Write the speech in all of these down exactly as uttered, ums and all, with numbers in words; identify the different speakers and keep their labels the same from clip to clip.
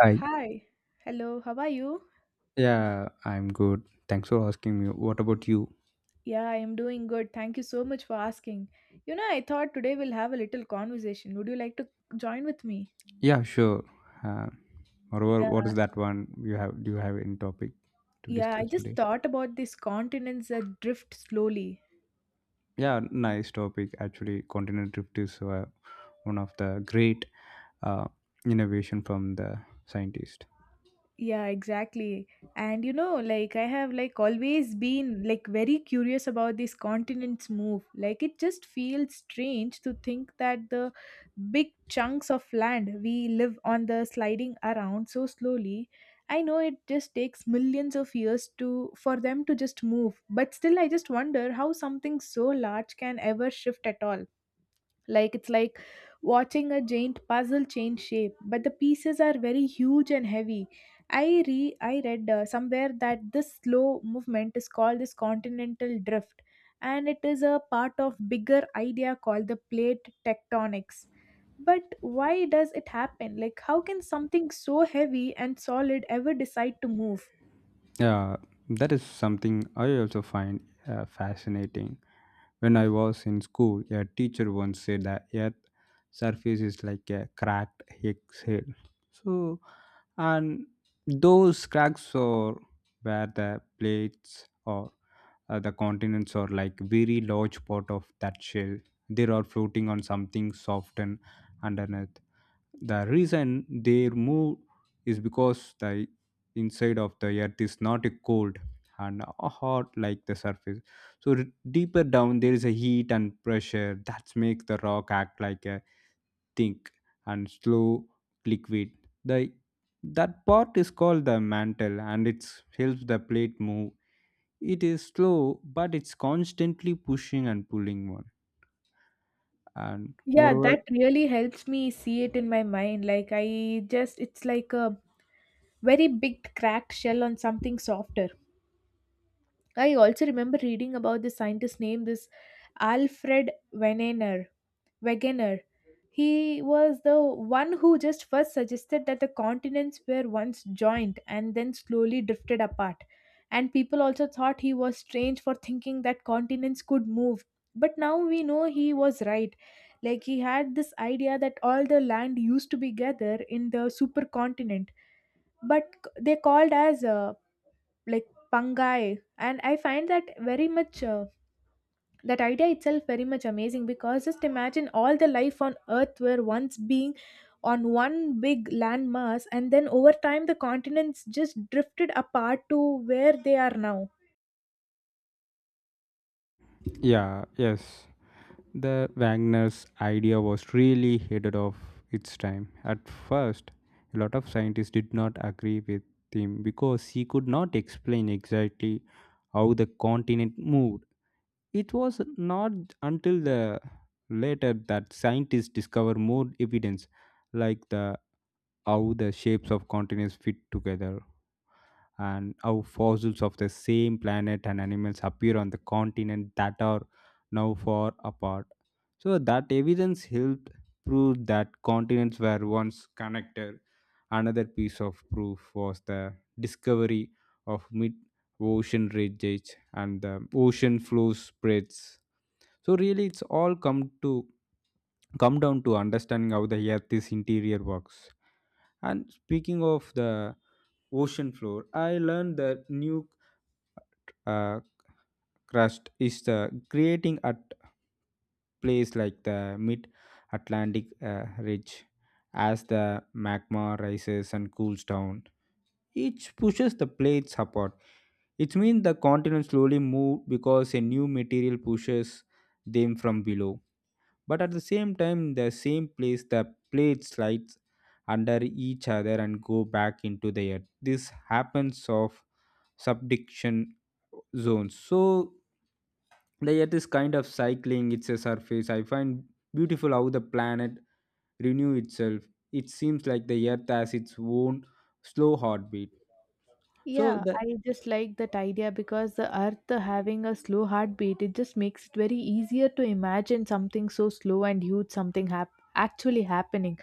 Speaker 1: Hi.
Speaker 2: Hi. Hello. How are you?
Speaker 1: Yeah, I'm good. Thanks for asking me. What about you?
Speaker 2: Yeah, I am doing good. Thank you so much for asking. You know, I thought today we'll have a little conversation. Would you like to join with me?
Speaker 1: Yeah, sure. Uh, moreover, what
Speaker 2: Yeah.
Speaker 1: is that one you have? Do you have any topic to
Speaker 2: Yeah, I
Speaker 1: discuss
Speaker 2: just
Speaker 1: today?
Speaker 2: thought about these continents that drift slowly.
Speaker 1: Yeah, nice topic. Actually, continental drift is uh, one of the great uh, innovation from the scientist.
Speaker 2: Yeah, exactly. And you know, like I have like always been like very curious about these continents move. Like it just feels strange to think that the big chunks of land we live on the sliding around so slowly. I know it just takes millions of years to for them to just move, but still I just wonder how something so large can ever shift at all. Like it's like watching a giant puzzle change shape, but the pieces are very huge and heavy. I re I read uh, somewhere that this slow movement is called this continental drift, and it is a part of bigger idea called the plate tectonics. But why does it happen? Like, how can something so heavy and solid ever decide to move?
Speaker 1: Yeah, that is something I also find uh, fascinating. When I was in school, a teacher once said that Earth surface is like a cracked Higgs head. So, and those cracks are where the plates or uh, the continents are like very large part of that shell. They are floating on something soft and underneath. The reason they move is because the inside of the earth is not cold and hot like the surface, so r- deeper down there is a heat and pressure that makes the rock act like a thick and slow liquid. The that part is called the mantle, and it helps the plate move. It is slow, but it's constantly pushing and pulling one. And
Speaker 2: Yeah,
Speaker 1: moreover,
Speaker 2: that really helps me see it in my mind. Like, I just, it's like a very big cracked shell on something softer. I also remember reading about this scientist named this Alfred Wegener. Wegener. He was the one who just first suggested that the continents were once joined and then slowly drifted apart. And people also thought he was strange for thinking that continents could move. But now we know he was right. Like he had this idea that all the land used to be gathered in the supercontinent, but c- they called as uh, like Pangai. And I find that very much, uh, that idea itself very much amazing because just imagine all the life on Earth were once being on one big landmass, and then over time the continents just drifted apart to where they are now.
Speaker 1: yeah yes the Wagner's idea was really headed of its time. At first, a lot of scientists did not agree with him because he could not explain exactly how the continent moved. It was not until the later that scientists discovered more evidence, like the how the shapes of continents fit together and how fossils of the same planet and animals appear on the continent that are now far apart. So that evidence helped prove that continents were once connected. Another piece of proof was the discovery of mid-ocean ridges and the ocean flow spreads. So really, it's all come to come down to understanding how the Earth's interior works. And speaking of the ocean floor, I learned the new uh, crust is the creating at place like the mid Atlantic uh, ridge. As the magma rises and cools down, it pushes the plates apart. It means the continent slowly move because a new material pushes them from below. But at the same time, the same place, the plate slides under each other and go back into the earth. This happens of subduction zones. So the earth is kind of cycling it's surface. I find beautiful how the planet renew itself. It seems like the earth has its own slow heartbeat. So
Speaker 2: Yeah,
Speaker 1: the
Speaker 2: I just like that idea because the earth having a slow heartbeat, it just makes it very easier to imagine something so slow and huge, something hap- actually happening.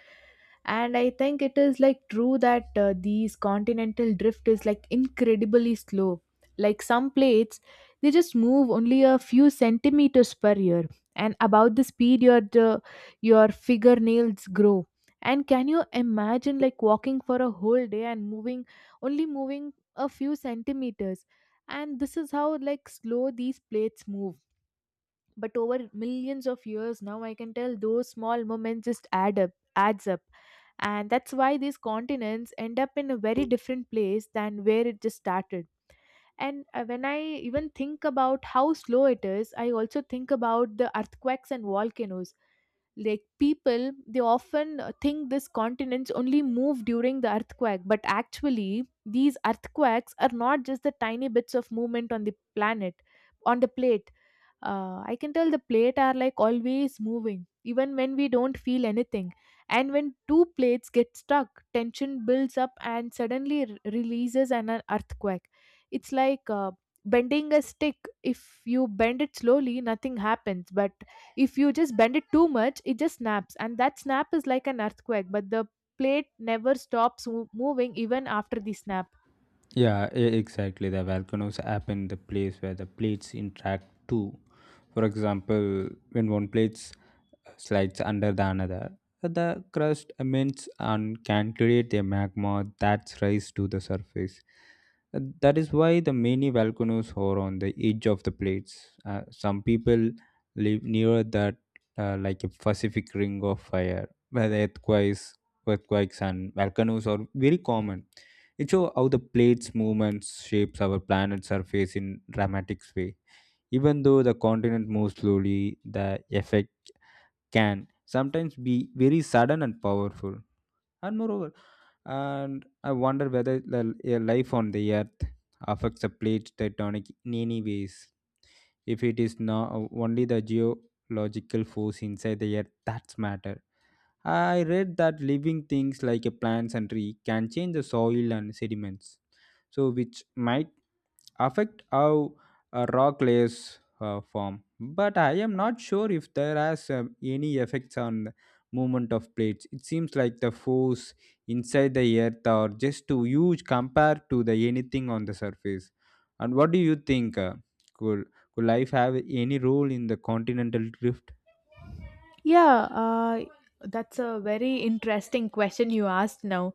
Speaker 2: And I think it is like true that uh, these continental drift is like incredibly slow. Like some plates, they just move only a few centimeters per year, and about the speed your the, your fingernails grow. And can you imagine like walking for a whole day and moving only moving a few centimeters, and this is how like slow these plates move, but over millions of years now I can tell those small moments just add up adds up and that's why these continents end up in a very different place than where it just started. And uh, when I even think about how slow it is, I also think about the earthquakes and volcanoes. Like people they often uh, think these continents only move during the earthquake, but actually these earthquakes are not just the tiny bits of movement on the planet on the plate uh, I can tell the plate are like always moving even when we don't feel anything. And when two plates get stuck, tension builds up and suddenly r- releases an uh, earthquake. It's like uh, bending a stick. If you bend it slowly nothing happens, but if you just bend it too much it just snaps, and that snap is like an earthquake, but the plate never stops mo- moving even after the snap.
Speaker 1: Yeah, e- exactly. The volcanoes happen in the place where the plates interact too. For example, when one plate slides under the another, the crust emits and can create a magma that's rise to the surface. Uh, That is why the many volcanoes are on the edge of the plates. Uh, some people live near that, uh, like a Pacific Ring of Fire, where the earthquakes, earthquakes and volcanoes are very common. It shows how the plates' movements shapes our planet's surface in dramatic way. Even though the continent moves slowly, the effect can sometimes be very sudden and powerful. And moreover, and I wonder whether the a life on the Earth affects the plate tectonic in any ways. If it is not only the geological force inside the Earth that's matter. I read that living things like a plants and tree can change the soil and sediments, so which might affect how uh, rock layers uh, form. But I am not sure if there has um, any effects on the movement of plates. It seems like the force inside the earth are just too huge compared to the anything on the surface. And what do you think? Uh, could could life have any role in the continental drift?
Speaker 2: Yeah, uh, that's a very interesting question you asked now.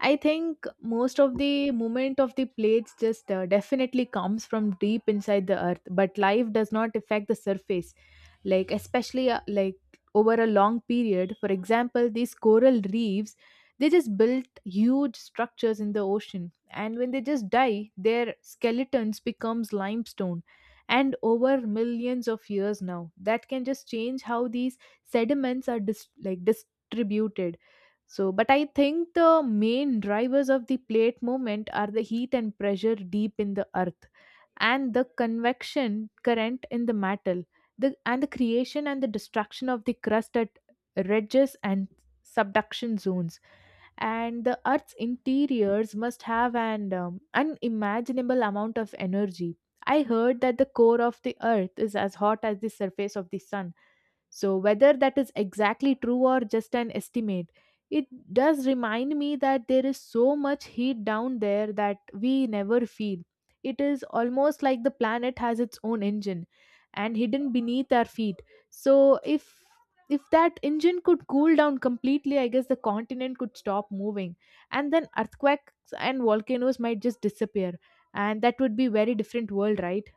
Speaker 2: I think most of the movement of the plates just uh, definitely comes from deep inside the earth, but life does not affect the surface, like especially uh, like over a long period. For example, these coral reefs, they just built huge structures in the ocean, and when they just die their skeletons becomes limestone, and over millions of years now that can just change how these sediments are dis- like distributed. So but I think the main drivers of the plate movement are the heat and pressure deep in the earth, and the convection current in the metal, the, and the creation and the destruction of the crust at ridges and subduction zones. And the earth's interiors must have an um, unimaginable amount of energy. I heard that the core of the earth is as hot as the surface of the sun. So, whether that is exactly true or just an estimate, it does remind me that there is so much heat down there that we never feel. It is almost like the planet has its own engine and hidden beneath our feet. So, if if that engine could cool down completely, I guess the continent could stop moving, and then earthquakes and volcanoes might just disappear, and that would be very different world, right?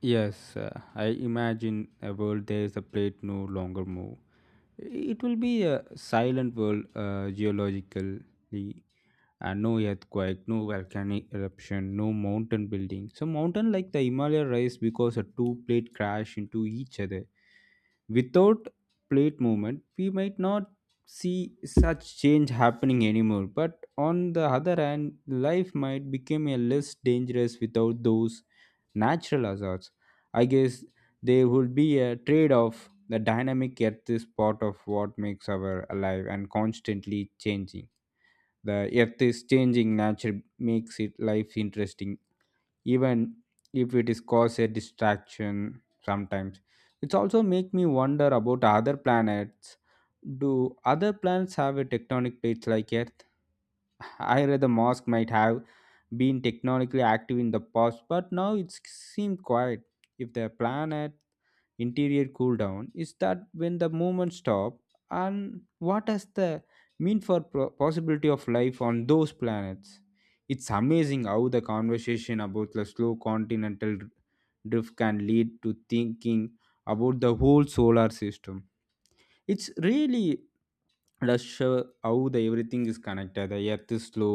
Speaker 1: Yes, uh, I imagine a world there is a plate no longer move. It will be a silent world uh, geologically, and no earthquake, no volcanic eruption, no mountain building. So mountain like the Himalaya rise because a two plate crash into each other. Without plate movement, we might not see such change happening anymore. But on the other hand, life might become a less dangerous without those natural hazards. I guess there would be a trade-off. The dynamic Earth is part of what makes our alive and constantly changing. The earth is changing nature makes it life interesting, even if it is cause a distraction sometimes. It's also make me wonder about other planets. Do other planets have a tectonic plates like earth? I read the mosque might have been technologically active in the past, but now it seems quiet. If the planet interior cool down, is that when the movement stop? And what does the mean for pro- possibility of life on those planets? It's amazing how the conversation about the slow continental drift can lead to thinking about the whole solar system. It's really does show how the everything is connected. The earth is slow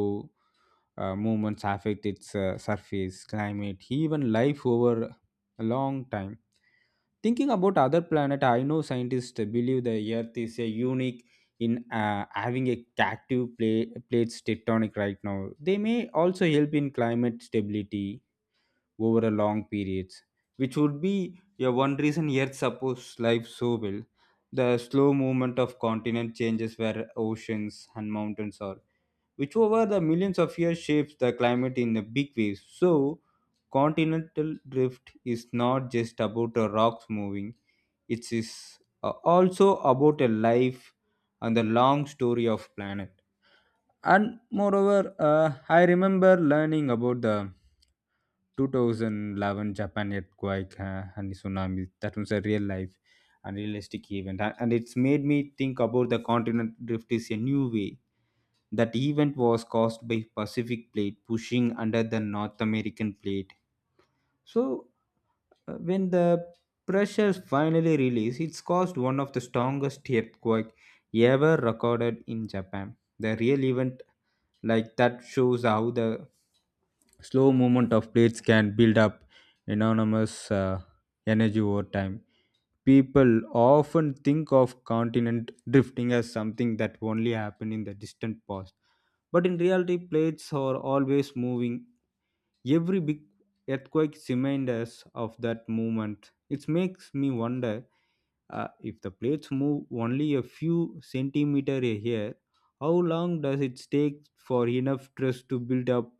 Speaker 1: uh, movements affect its uh, surface, climate, even life over a long time. Thinking about other planet, I know scientists believe the Earth is a unique in uh, having a active plate plates tectonic right now. They may also help in climate stability over a long periods, which would be, yeah, one reason Earth supports life so well. The slow movement of continent changes where oceans and mountains are, which over the millions of years shapes the climate in a big ways. So, continental drift is not just about the rocks moving, it is uh, also about a life and the long story of planet. And moreover, uh, I remember learning about the two thousand eleven Japan earthquake uh, and tsunami. That was a real life and realistic event, and and it's made me think about the continent drift is a new way. That event was caused by Pacific plate pushing under the North American plate. So uh, when the pressure finally released, it's caused one of the strongest earthquake ever recorded in Japan. The real event like that shows how the slow movement of plates can build up enormous uh, energy over time. People often think of continent drifting as something that only happened in the distant past, but in reality, plates are always moving. Every big earthquake reminds us of that movement. It makes me wonder, uh, if the plates move only a few centimeter a year, how long does it take for enough stress to build up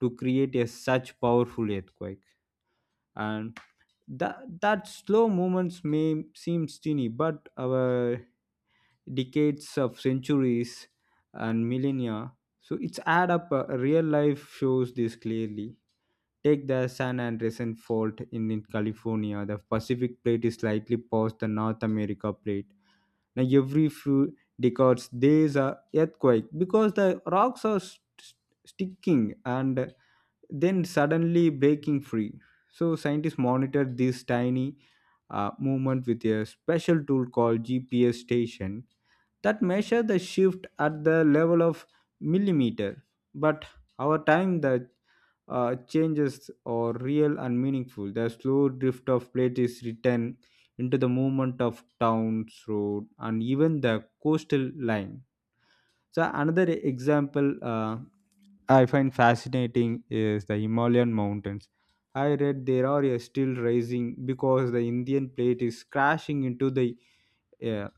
Speaker 1: to create a such powerful earthquake? And that, that slow movements may seem teeny, but our decades of centuries and millennia, so it's add up. Uh, real life shows this clearly. Take the San Andreas fault in, in California. The Pacific plate is slightly past the North America plate. Now, every few decades, there's a earthquake because the rocks are st- sticking and then suddenly breaking free. So, scientists monitor this tiny uh, movement with a special tool called G P S station that measure the shift at the level of millimeter, but our time the uh, changes are real and meaningful. The slow drift of plate is written into the movement of towns road and even the coastal line. So another example, uh, I find fascinating is the Himalayan mountains. I read there are uh, still rising because the Indian plate is crashing into the uh,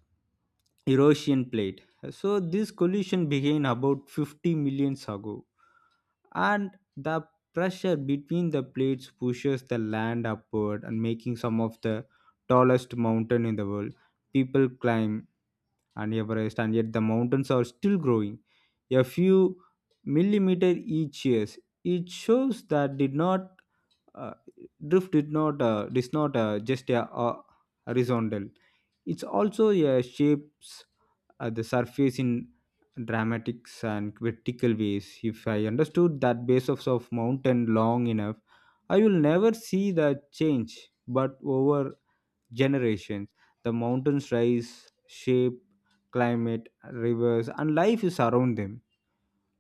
Speaker 1: Eurasian plate. So this collision began about fifty million ago, and the pressure between the plates pushes the land upward and making some of the tallest mountain in the world. People climb and Everest, and yet the mountains are still growing a few millimeter each year. It shows that did not uh, drift did not uh, is not uh, just a uh, horizontal. It's also uh, shapes uh, the surface in dramatics and vertical ways. If I understood that base of, of mountain long enough, I will never see the change. But over generations. The mountains rise, shape climate, rivers, and life is around them.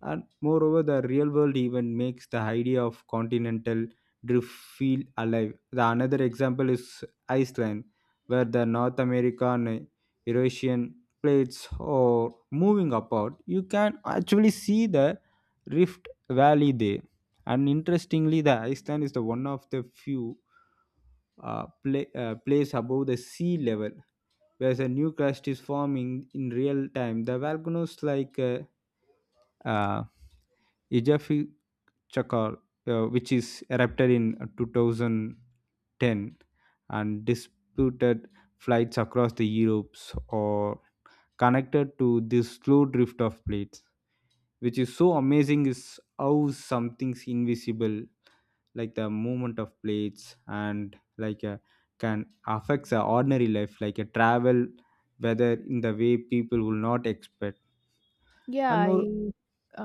Speaker 1: And moreover, the real world even makes the idea of continental drift feel alive. The another example is Iceland, where the North American eh, Eurasian plates are moving apart. You can actually see the rift valley there. And interestingly, the Iceland is the one of the few uh, pla uh, place above the sea level, whereas a new crust is forming in real time. The volcanoes like uh, uh, Ijafi Chakar, uh, which is erupted in two thousand ten and disputed flights across the Europes or connected to this slow drift of plates. Which is so amazing is how something's invisible, like the movement of plates and like a, can affect the ordinary life, like a travel, whether in the way people will not expect.
Speaker 2: Yeah,
Speaker 1: And more,
Speaker 2: I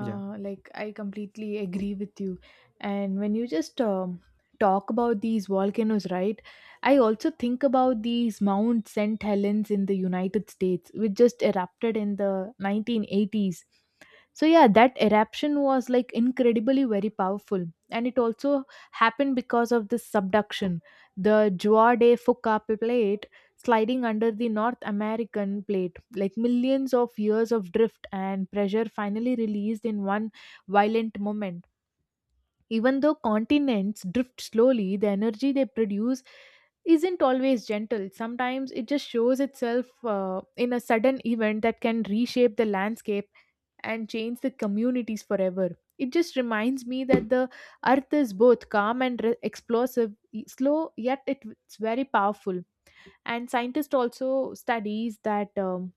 Speaker 1: yeah.
Speaker 2: like I completely agree with you. And when you just um, talk about these volcanoes, right? I also think about these Mount Saint Helens in the United States, which just erupted in the nineteen eighties. So yeah, that eruption was like incredibly very powerful, and it also happened because of this subduction. The Juade Fuca plate sliding under the North American plate. Like millions of years of drift and pressure finally released in one violent moment. Even though continents drift slowly, the energy they produce isn't always gentle. Sometimes it just shows itself uh, in a sudden event that can reshape the landscape and change the communities forever. It just reminds me that the earth is both calm and re- explosive, e- slow, yet it- it's very powerful. And scientists also studies that um,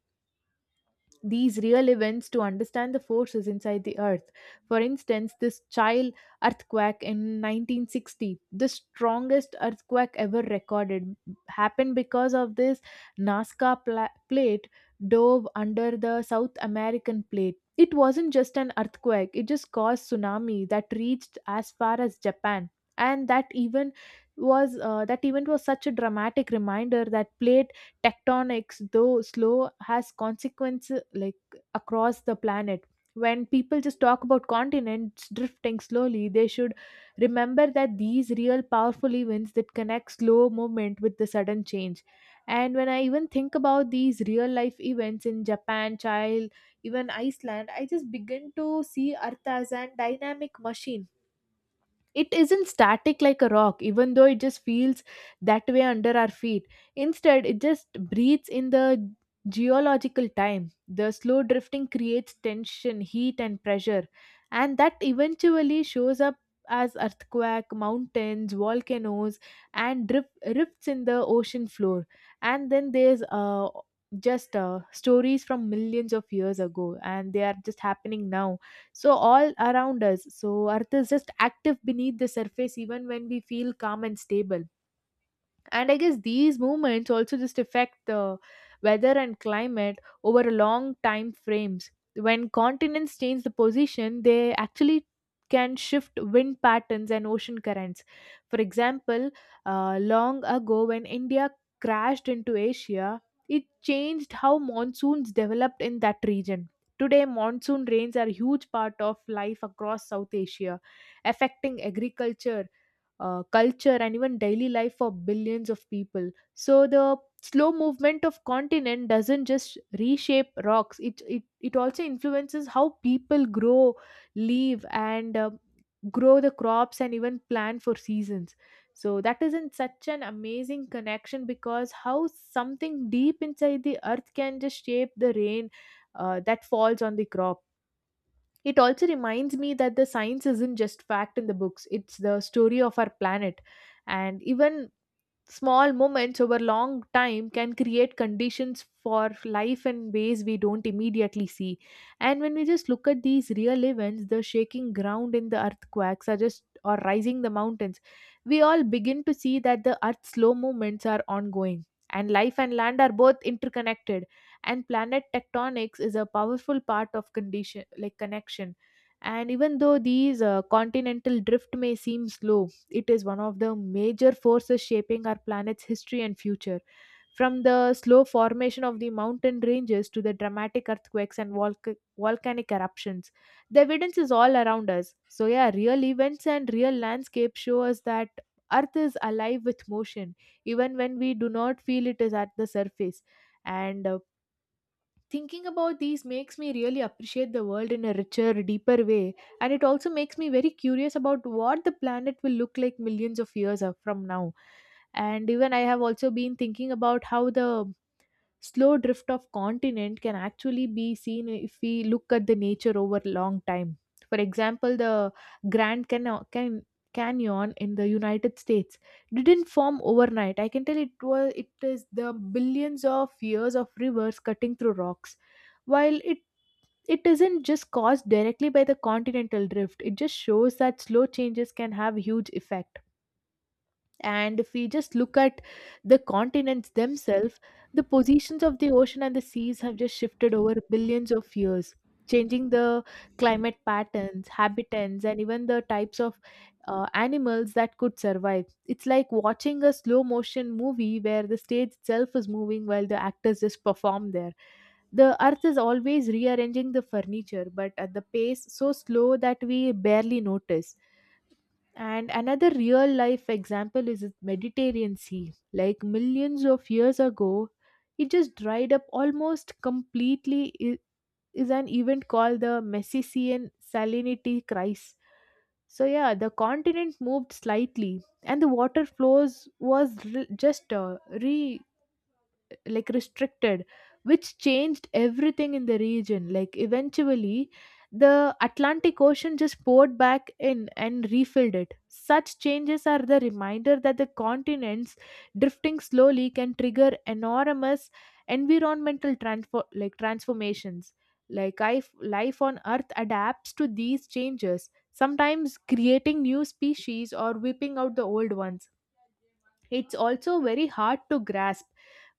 Speaker 2: these real events to understand the forces inside the earth. For instance, this child earthquake in nineteen sixty, the strongest earthquake ever recorded, happened because of this nazca pla- plate dove under the south american plate. It wasn't just an earthquake, it just caused tsunami that reached as far as Japan. And that even was uh, that event was such a dramatic reminder that plate tectonics, though slow, has consequences like across the planet. When people just talk about continents drifting slowly, they should remember that these real powerful events that connect slow movement with the sudden change. And when I even think about these real life events in Japan, child, even Iceland, I just begin to see Earth as an dynamic machine. It isn't static like a rock, even though it just feels that way under our feet. Instead it just breathes in the geological time. The slow drifting creates tension, heat and pressure, and that eventually shows up as earthquake, mountains, volcanoes, and drift, rifts in the ocean floor. And then there's uh, just uh, stories from millions of years ago, and they are just happening now, so all around us. So earth is just active beneath the surface even when we feel calm and stable. And I guess these movements also just affect the weather and climate over a long time frames. When continents change the position, they actually can shift wind patterns and ocean currents. For example, uh, long ago when India crashed into Asia, it changed how monsoons developed in that region. Today monsoon rains are a huge part of life across south Asia, affecting agriculture, uh, culture and even daily life for billions of people. So the slow movement of continent doesn't just reshape rocks, it it, it also influences how people grow, live and um grow the crops and even plan for seasons. So that is in such an amazing connection, because how something deep inside the earth can just shape the rain uh, that falls on the crop. It also reminds me that the science isn't just fact in the books, it's the story of our planet. And even small moments over long time can create conditions for life in ways we don't immediately see. And when we just look at these real events, the shaking ground in the earthquakes are just or rising the mountains, we all begin to see that the earth's slow movements are ongoing. And life and land are both interconnected. And planet tectonics is a powerful part of condition like connection. And even though these uh, continental drift may seem slow, it is one of the major forces shaping our planet's history and future. From the slow formation of the mountain ranges to the dramatic earthquakes and volca- volcanic eruptions, the evidence is all around us. So, yeah, real events and real landscapes show us that Earth is alive with motion, even when we do not feel it is at the surface. And uh, Thinking about these makes me really appreciate the world in a richer, deeper way, and it also makes me very curious about what the planet will look like millions of years of- from now. And even I have also been thinking about how the slow drift of continent can actually be seen if we look at the nature over long time, for example the grand Cano- Can- canyon in the United States didn't form overnight. I can tell it was it is the billions of years of rivers cutting through rocks. While it it isn't just caused directly by the continental drift, it just shows that slow changes can have huge effect. And if we just look at the continents themselves, the positions of the ocean and the seas have just shifted over billions of years, changing the climate patterns, habitats, and even the types of uh, animals that could survive. It's like watching a slow motion movie where the stage itself is moving while the actors just perform there. The earth is always rearranging the furniture, but at the pace so slow that we barely notice. And another real life example is the Mediterranean Sea. Like millions of years ago, it just dried up almost completely. It is an event called the Messician salinity crisis. So yeah, the continent moved slightly, and the water flows was re- just uh, re like restricted, which changed everything in the region, like eventually the Atlantic Ocean just poured back in and refilled it. Such changes are the reminder that the continents drifting slowly can trigger enormous environmental transfer like transformations. Like life, life on earth adapts to these changes, sometimes creating new species or whipping out the old ones. It's also very hard to grasp,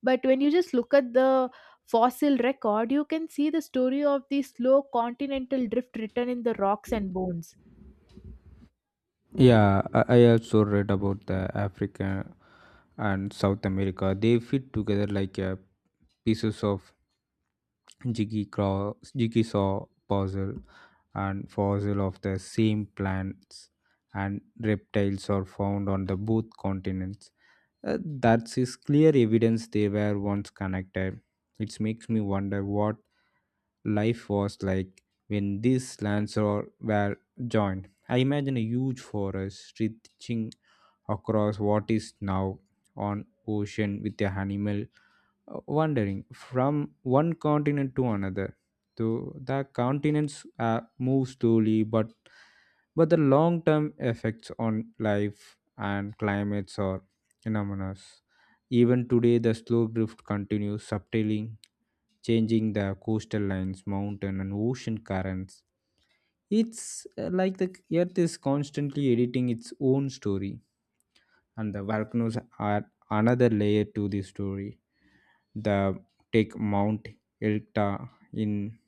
Speaker 2: but when you just look at the fossil record, you can see the story of the slow continental drift written in the rocks and bones.
Speaker 1: Yeah, I I also read about the Africa and South America. They fit together like a pieces of jiggy craw- jigsaw puzzle, and fossil of the same plants and reptiles are found on the both continents. Uh, that is clear evidence they were once connected. It makes me wonder what life was like when these lands are, were joined. I imagine a huge forest stretching across what is now on ocean with a animal uh, wandering from one continent to another. So the continents uh, move slowly, but but the long-term effects on life and climates are enormous. Even today, the slow drift continues subtly changing the coastal lines, mountain and ocean currents. It's uh, like the earth is constantly editing its own story, and the volcanoes are another layer to the story the take Mount Elta in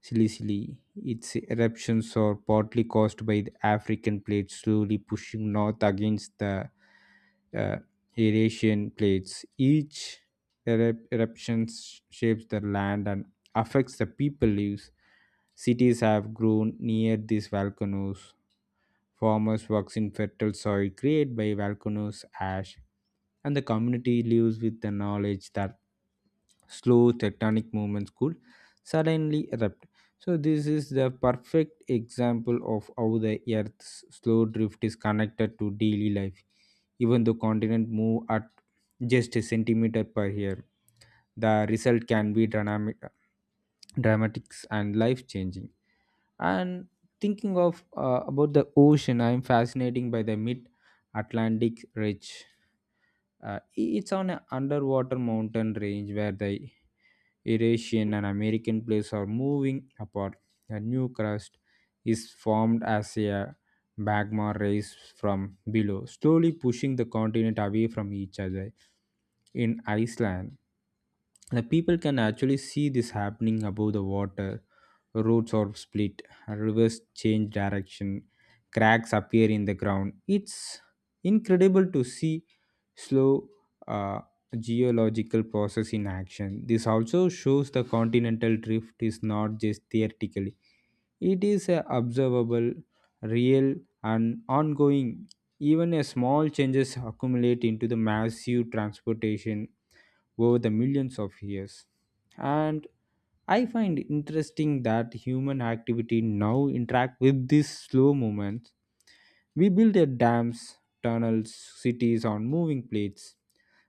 Speaker 1: Sicily. Its eruptions are partly caused by the African plate slowly pushing north against the uh, Eurasian plates. Each eru- eruption sh- shapes the land and affects the people lives. Cities have grown near these volcanoes. Farmers works in fertile soil created by volcanoes ash and the community lives with the knowledge that slow tectonic movements could suddenly erupt. So, this is the perfect example of how the Earth's slow drift is connected to daily life. Even though continents move at just a centimeter per year, the result can be dynamic, dramatics and life changing. And thinking of uh, about the ocean, I am fascinated by the mid Atlantic Ridge, uh, it's on an underwater mountain range where the Eurasian and American plates are moving apart. A new crust is formed as a magma rise from below, slowly pushing the continent away from each other. In Iceland, the people can actually see this happening above the water. Roads are split, rivers change direction, cracks appear in the ground. It's incredible to see slow uh, geological process in action. This also shows the continental drift is not just theoretically, it is a observable, real, and ongoing. Even a small changes accumulate into the massive transportation over the millions of years. And I find interesting that human activity now interact with these slow movements. We build their dams, tunnels, cities on moving plates.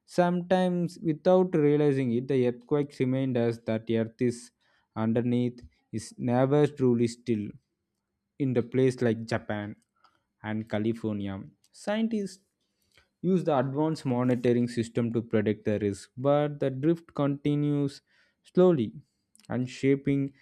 Speaker 1: Sometimes, without realizing it, the earthquakes remind us that the earth is underneath is never truly still. In the place like Japan and California, scientists use the advanced monitoring system to predict the risk, but the drift continues slowly and shaping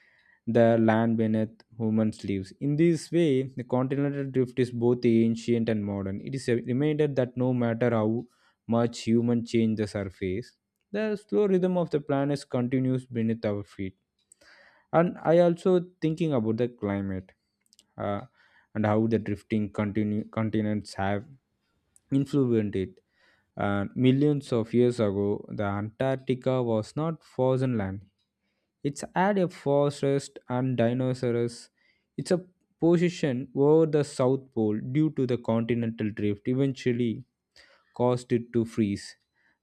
Speaker 1: the land beneath humans' lives. In this way, the continental drift is both ancient and modern. It is a reminder that no matter how much humans change the surface, the slow rhythm of the planet continues beneath our feet. And I also thinking about the climate uh, and how the drifting continu- continents have influenced it. Uh, millions of years ago, the Antarctica was not frozen land. It's had a forest and dinosaurs. It's a position over the South Pole due to the continental drift eventually caused it to freeze.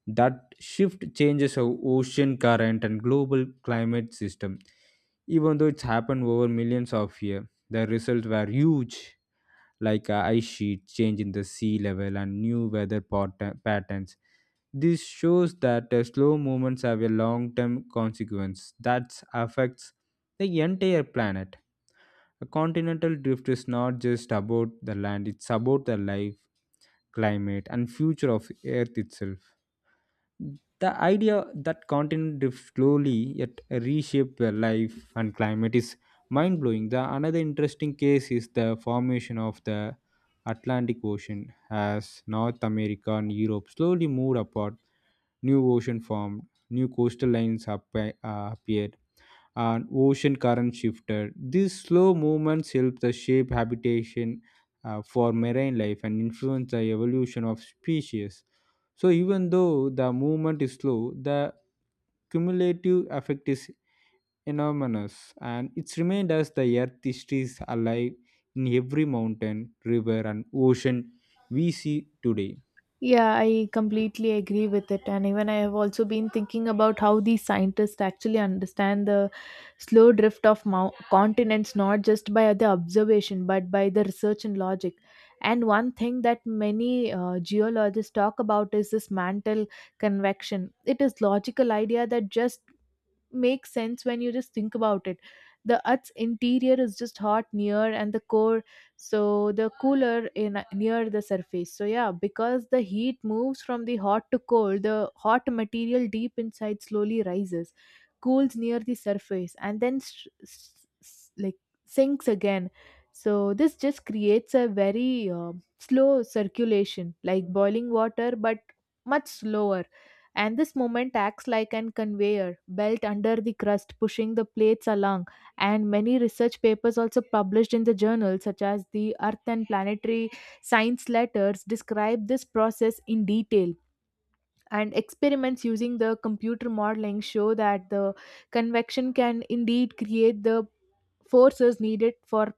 Speaker 1: That shift changes how ocean current and global climate system. Even though it's happened over millions of years, the results were huge like uh, ice sheet change in the sea level and new weather pat- patterns. This shows that uh, slow movements have a long term consequence that affects the entire planet. A continental drift is not just about the land, it's about the life, climate and future of earth itself. The idea that continent drift slowly yet reshape their life and climate is mind blowing. The another interesting case is the formation of the Atlantic Ocean as North America and Europe slowly moved apart. New ocean formed, new coastal lines appe- uh, appeared, and ocean current shifted. These slow movements help the shape habitation uh, for marine life and influence the evolution of species. So even though the movement is slow, the cumulative effect is enormous and it's remained as the earth is alive in every mountain, river and ocean we see today.
Speaker 2: Yeah, I completely agree with it. And even I have also been thinking about how these scientists actually understand the slow drift of mou- continents, not just by the observation, but by the research and logic. And one thing that many uh, geologists talk about is this mantle convection. It is logical idea that just make sense when you just think about it. The Earth's interior is just hot near and the core, so the cooler in near the surface. So yeah, because the heat moves from the hot to cold, the hot material deep inside slowly rises, cools near the surface, and then s s- s- like sinks again. So this just creates a very uh, slow circulation, like boiling water, but much slower, and this moment acts like an conveyor belt under the crust, pushing the plates along. And many research papers also published in the journals such as the Earth and Planetary Science Letters, describe this process in detail. And experiments using the computer modeling show that the convection can indeed create the force is needed for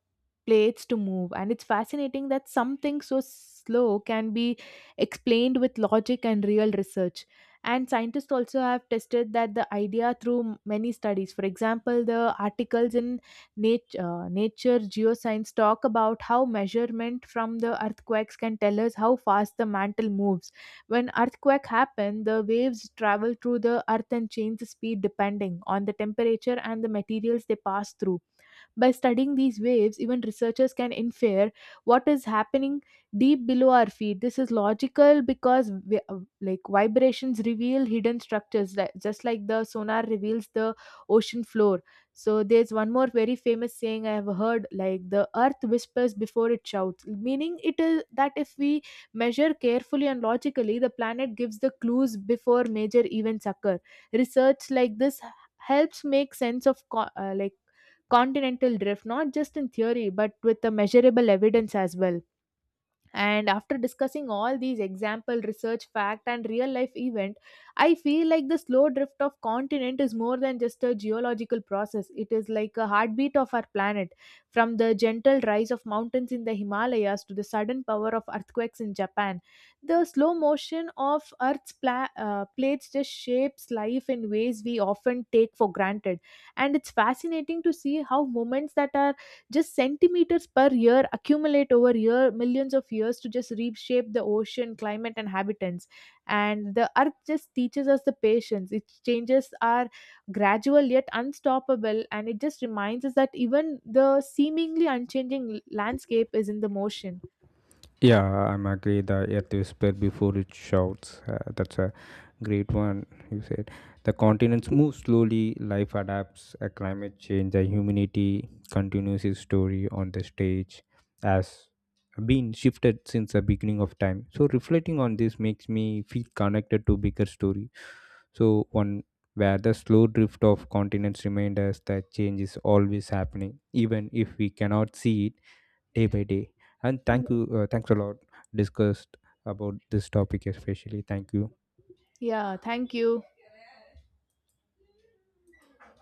Speaker 2: plates to move, and it's fascinating that something so slow can be explained with logic and real research. And scientists also have tested that the idea through m- many studies, for example the articles in nature, uh, Nature Geoscience, talk about how measurement from the earthquakes can tell us how fast the mantle moves. When earthquake happen, the waves travel through the earth and change the speed depending on the temperature and the materials they pass through. By studying these waves, even researchers can infer what is happening deep below our feet. This is logical because vi- uh, like vibrations reveal hidden structures, li- just like the sonar reveals the ocean floor. So there's one more very famous saying I have heard, like the earth whispers before it shouts, meaning it is that if we measure carefully and logically, the planet gives the clues before major events occur. Research like this helps make sense of co- uh, like continental drift, not just in theory, but with the measurable evidence as well. And after discussing all these example research fact and real life event, I feel like the slow drift of continent is more than just a geological process. It is like a heartbeat of our planet. From the gentle rise of mountains in the Himalayas to the sudden power of earthquakes in Japan, the slow motion of earth's pla- uh, plates just shapes life in ways we often take for granted. And it's fascinating to see how moments that are just centimeters per year accumulate over year millions of years to just reshape the ocean climate and habitants. And the earth just teaches us the patience. Its changes are gradual yet unstoppable, and it just reminds us that even the seemingly unchanging landscape is in the motion.
Speaker 1: Yeah, I'm agree. That earth is spread before it shouts. Uh, that's a great one you said. The continents move slowly. Life adapts. A climate change. The humanity continues its story on the stage, as been shifted since the beginning of time. So reflecting on this makes me feel connected to bigger story. So one where the slow drift of continents remind us that change is always happening, even if we cannot see it day by day. And thank
Speaker 2: Y-
Speaker 1: you, uh, thanks a lot discussed about this topic, especially thank you.
Speaker 2: yeah thank you.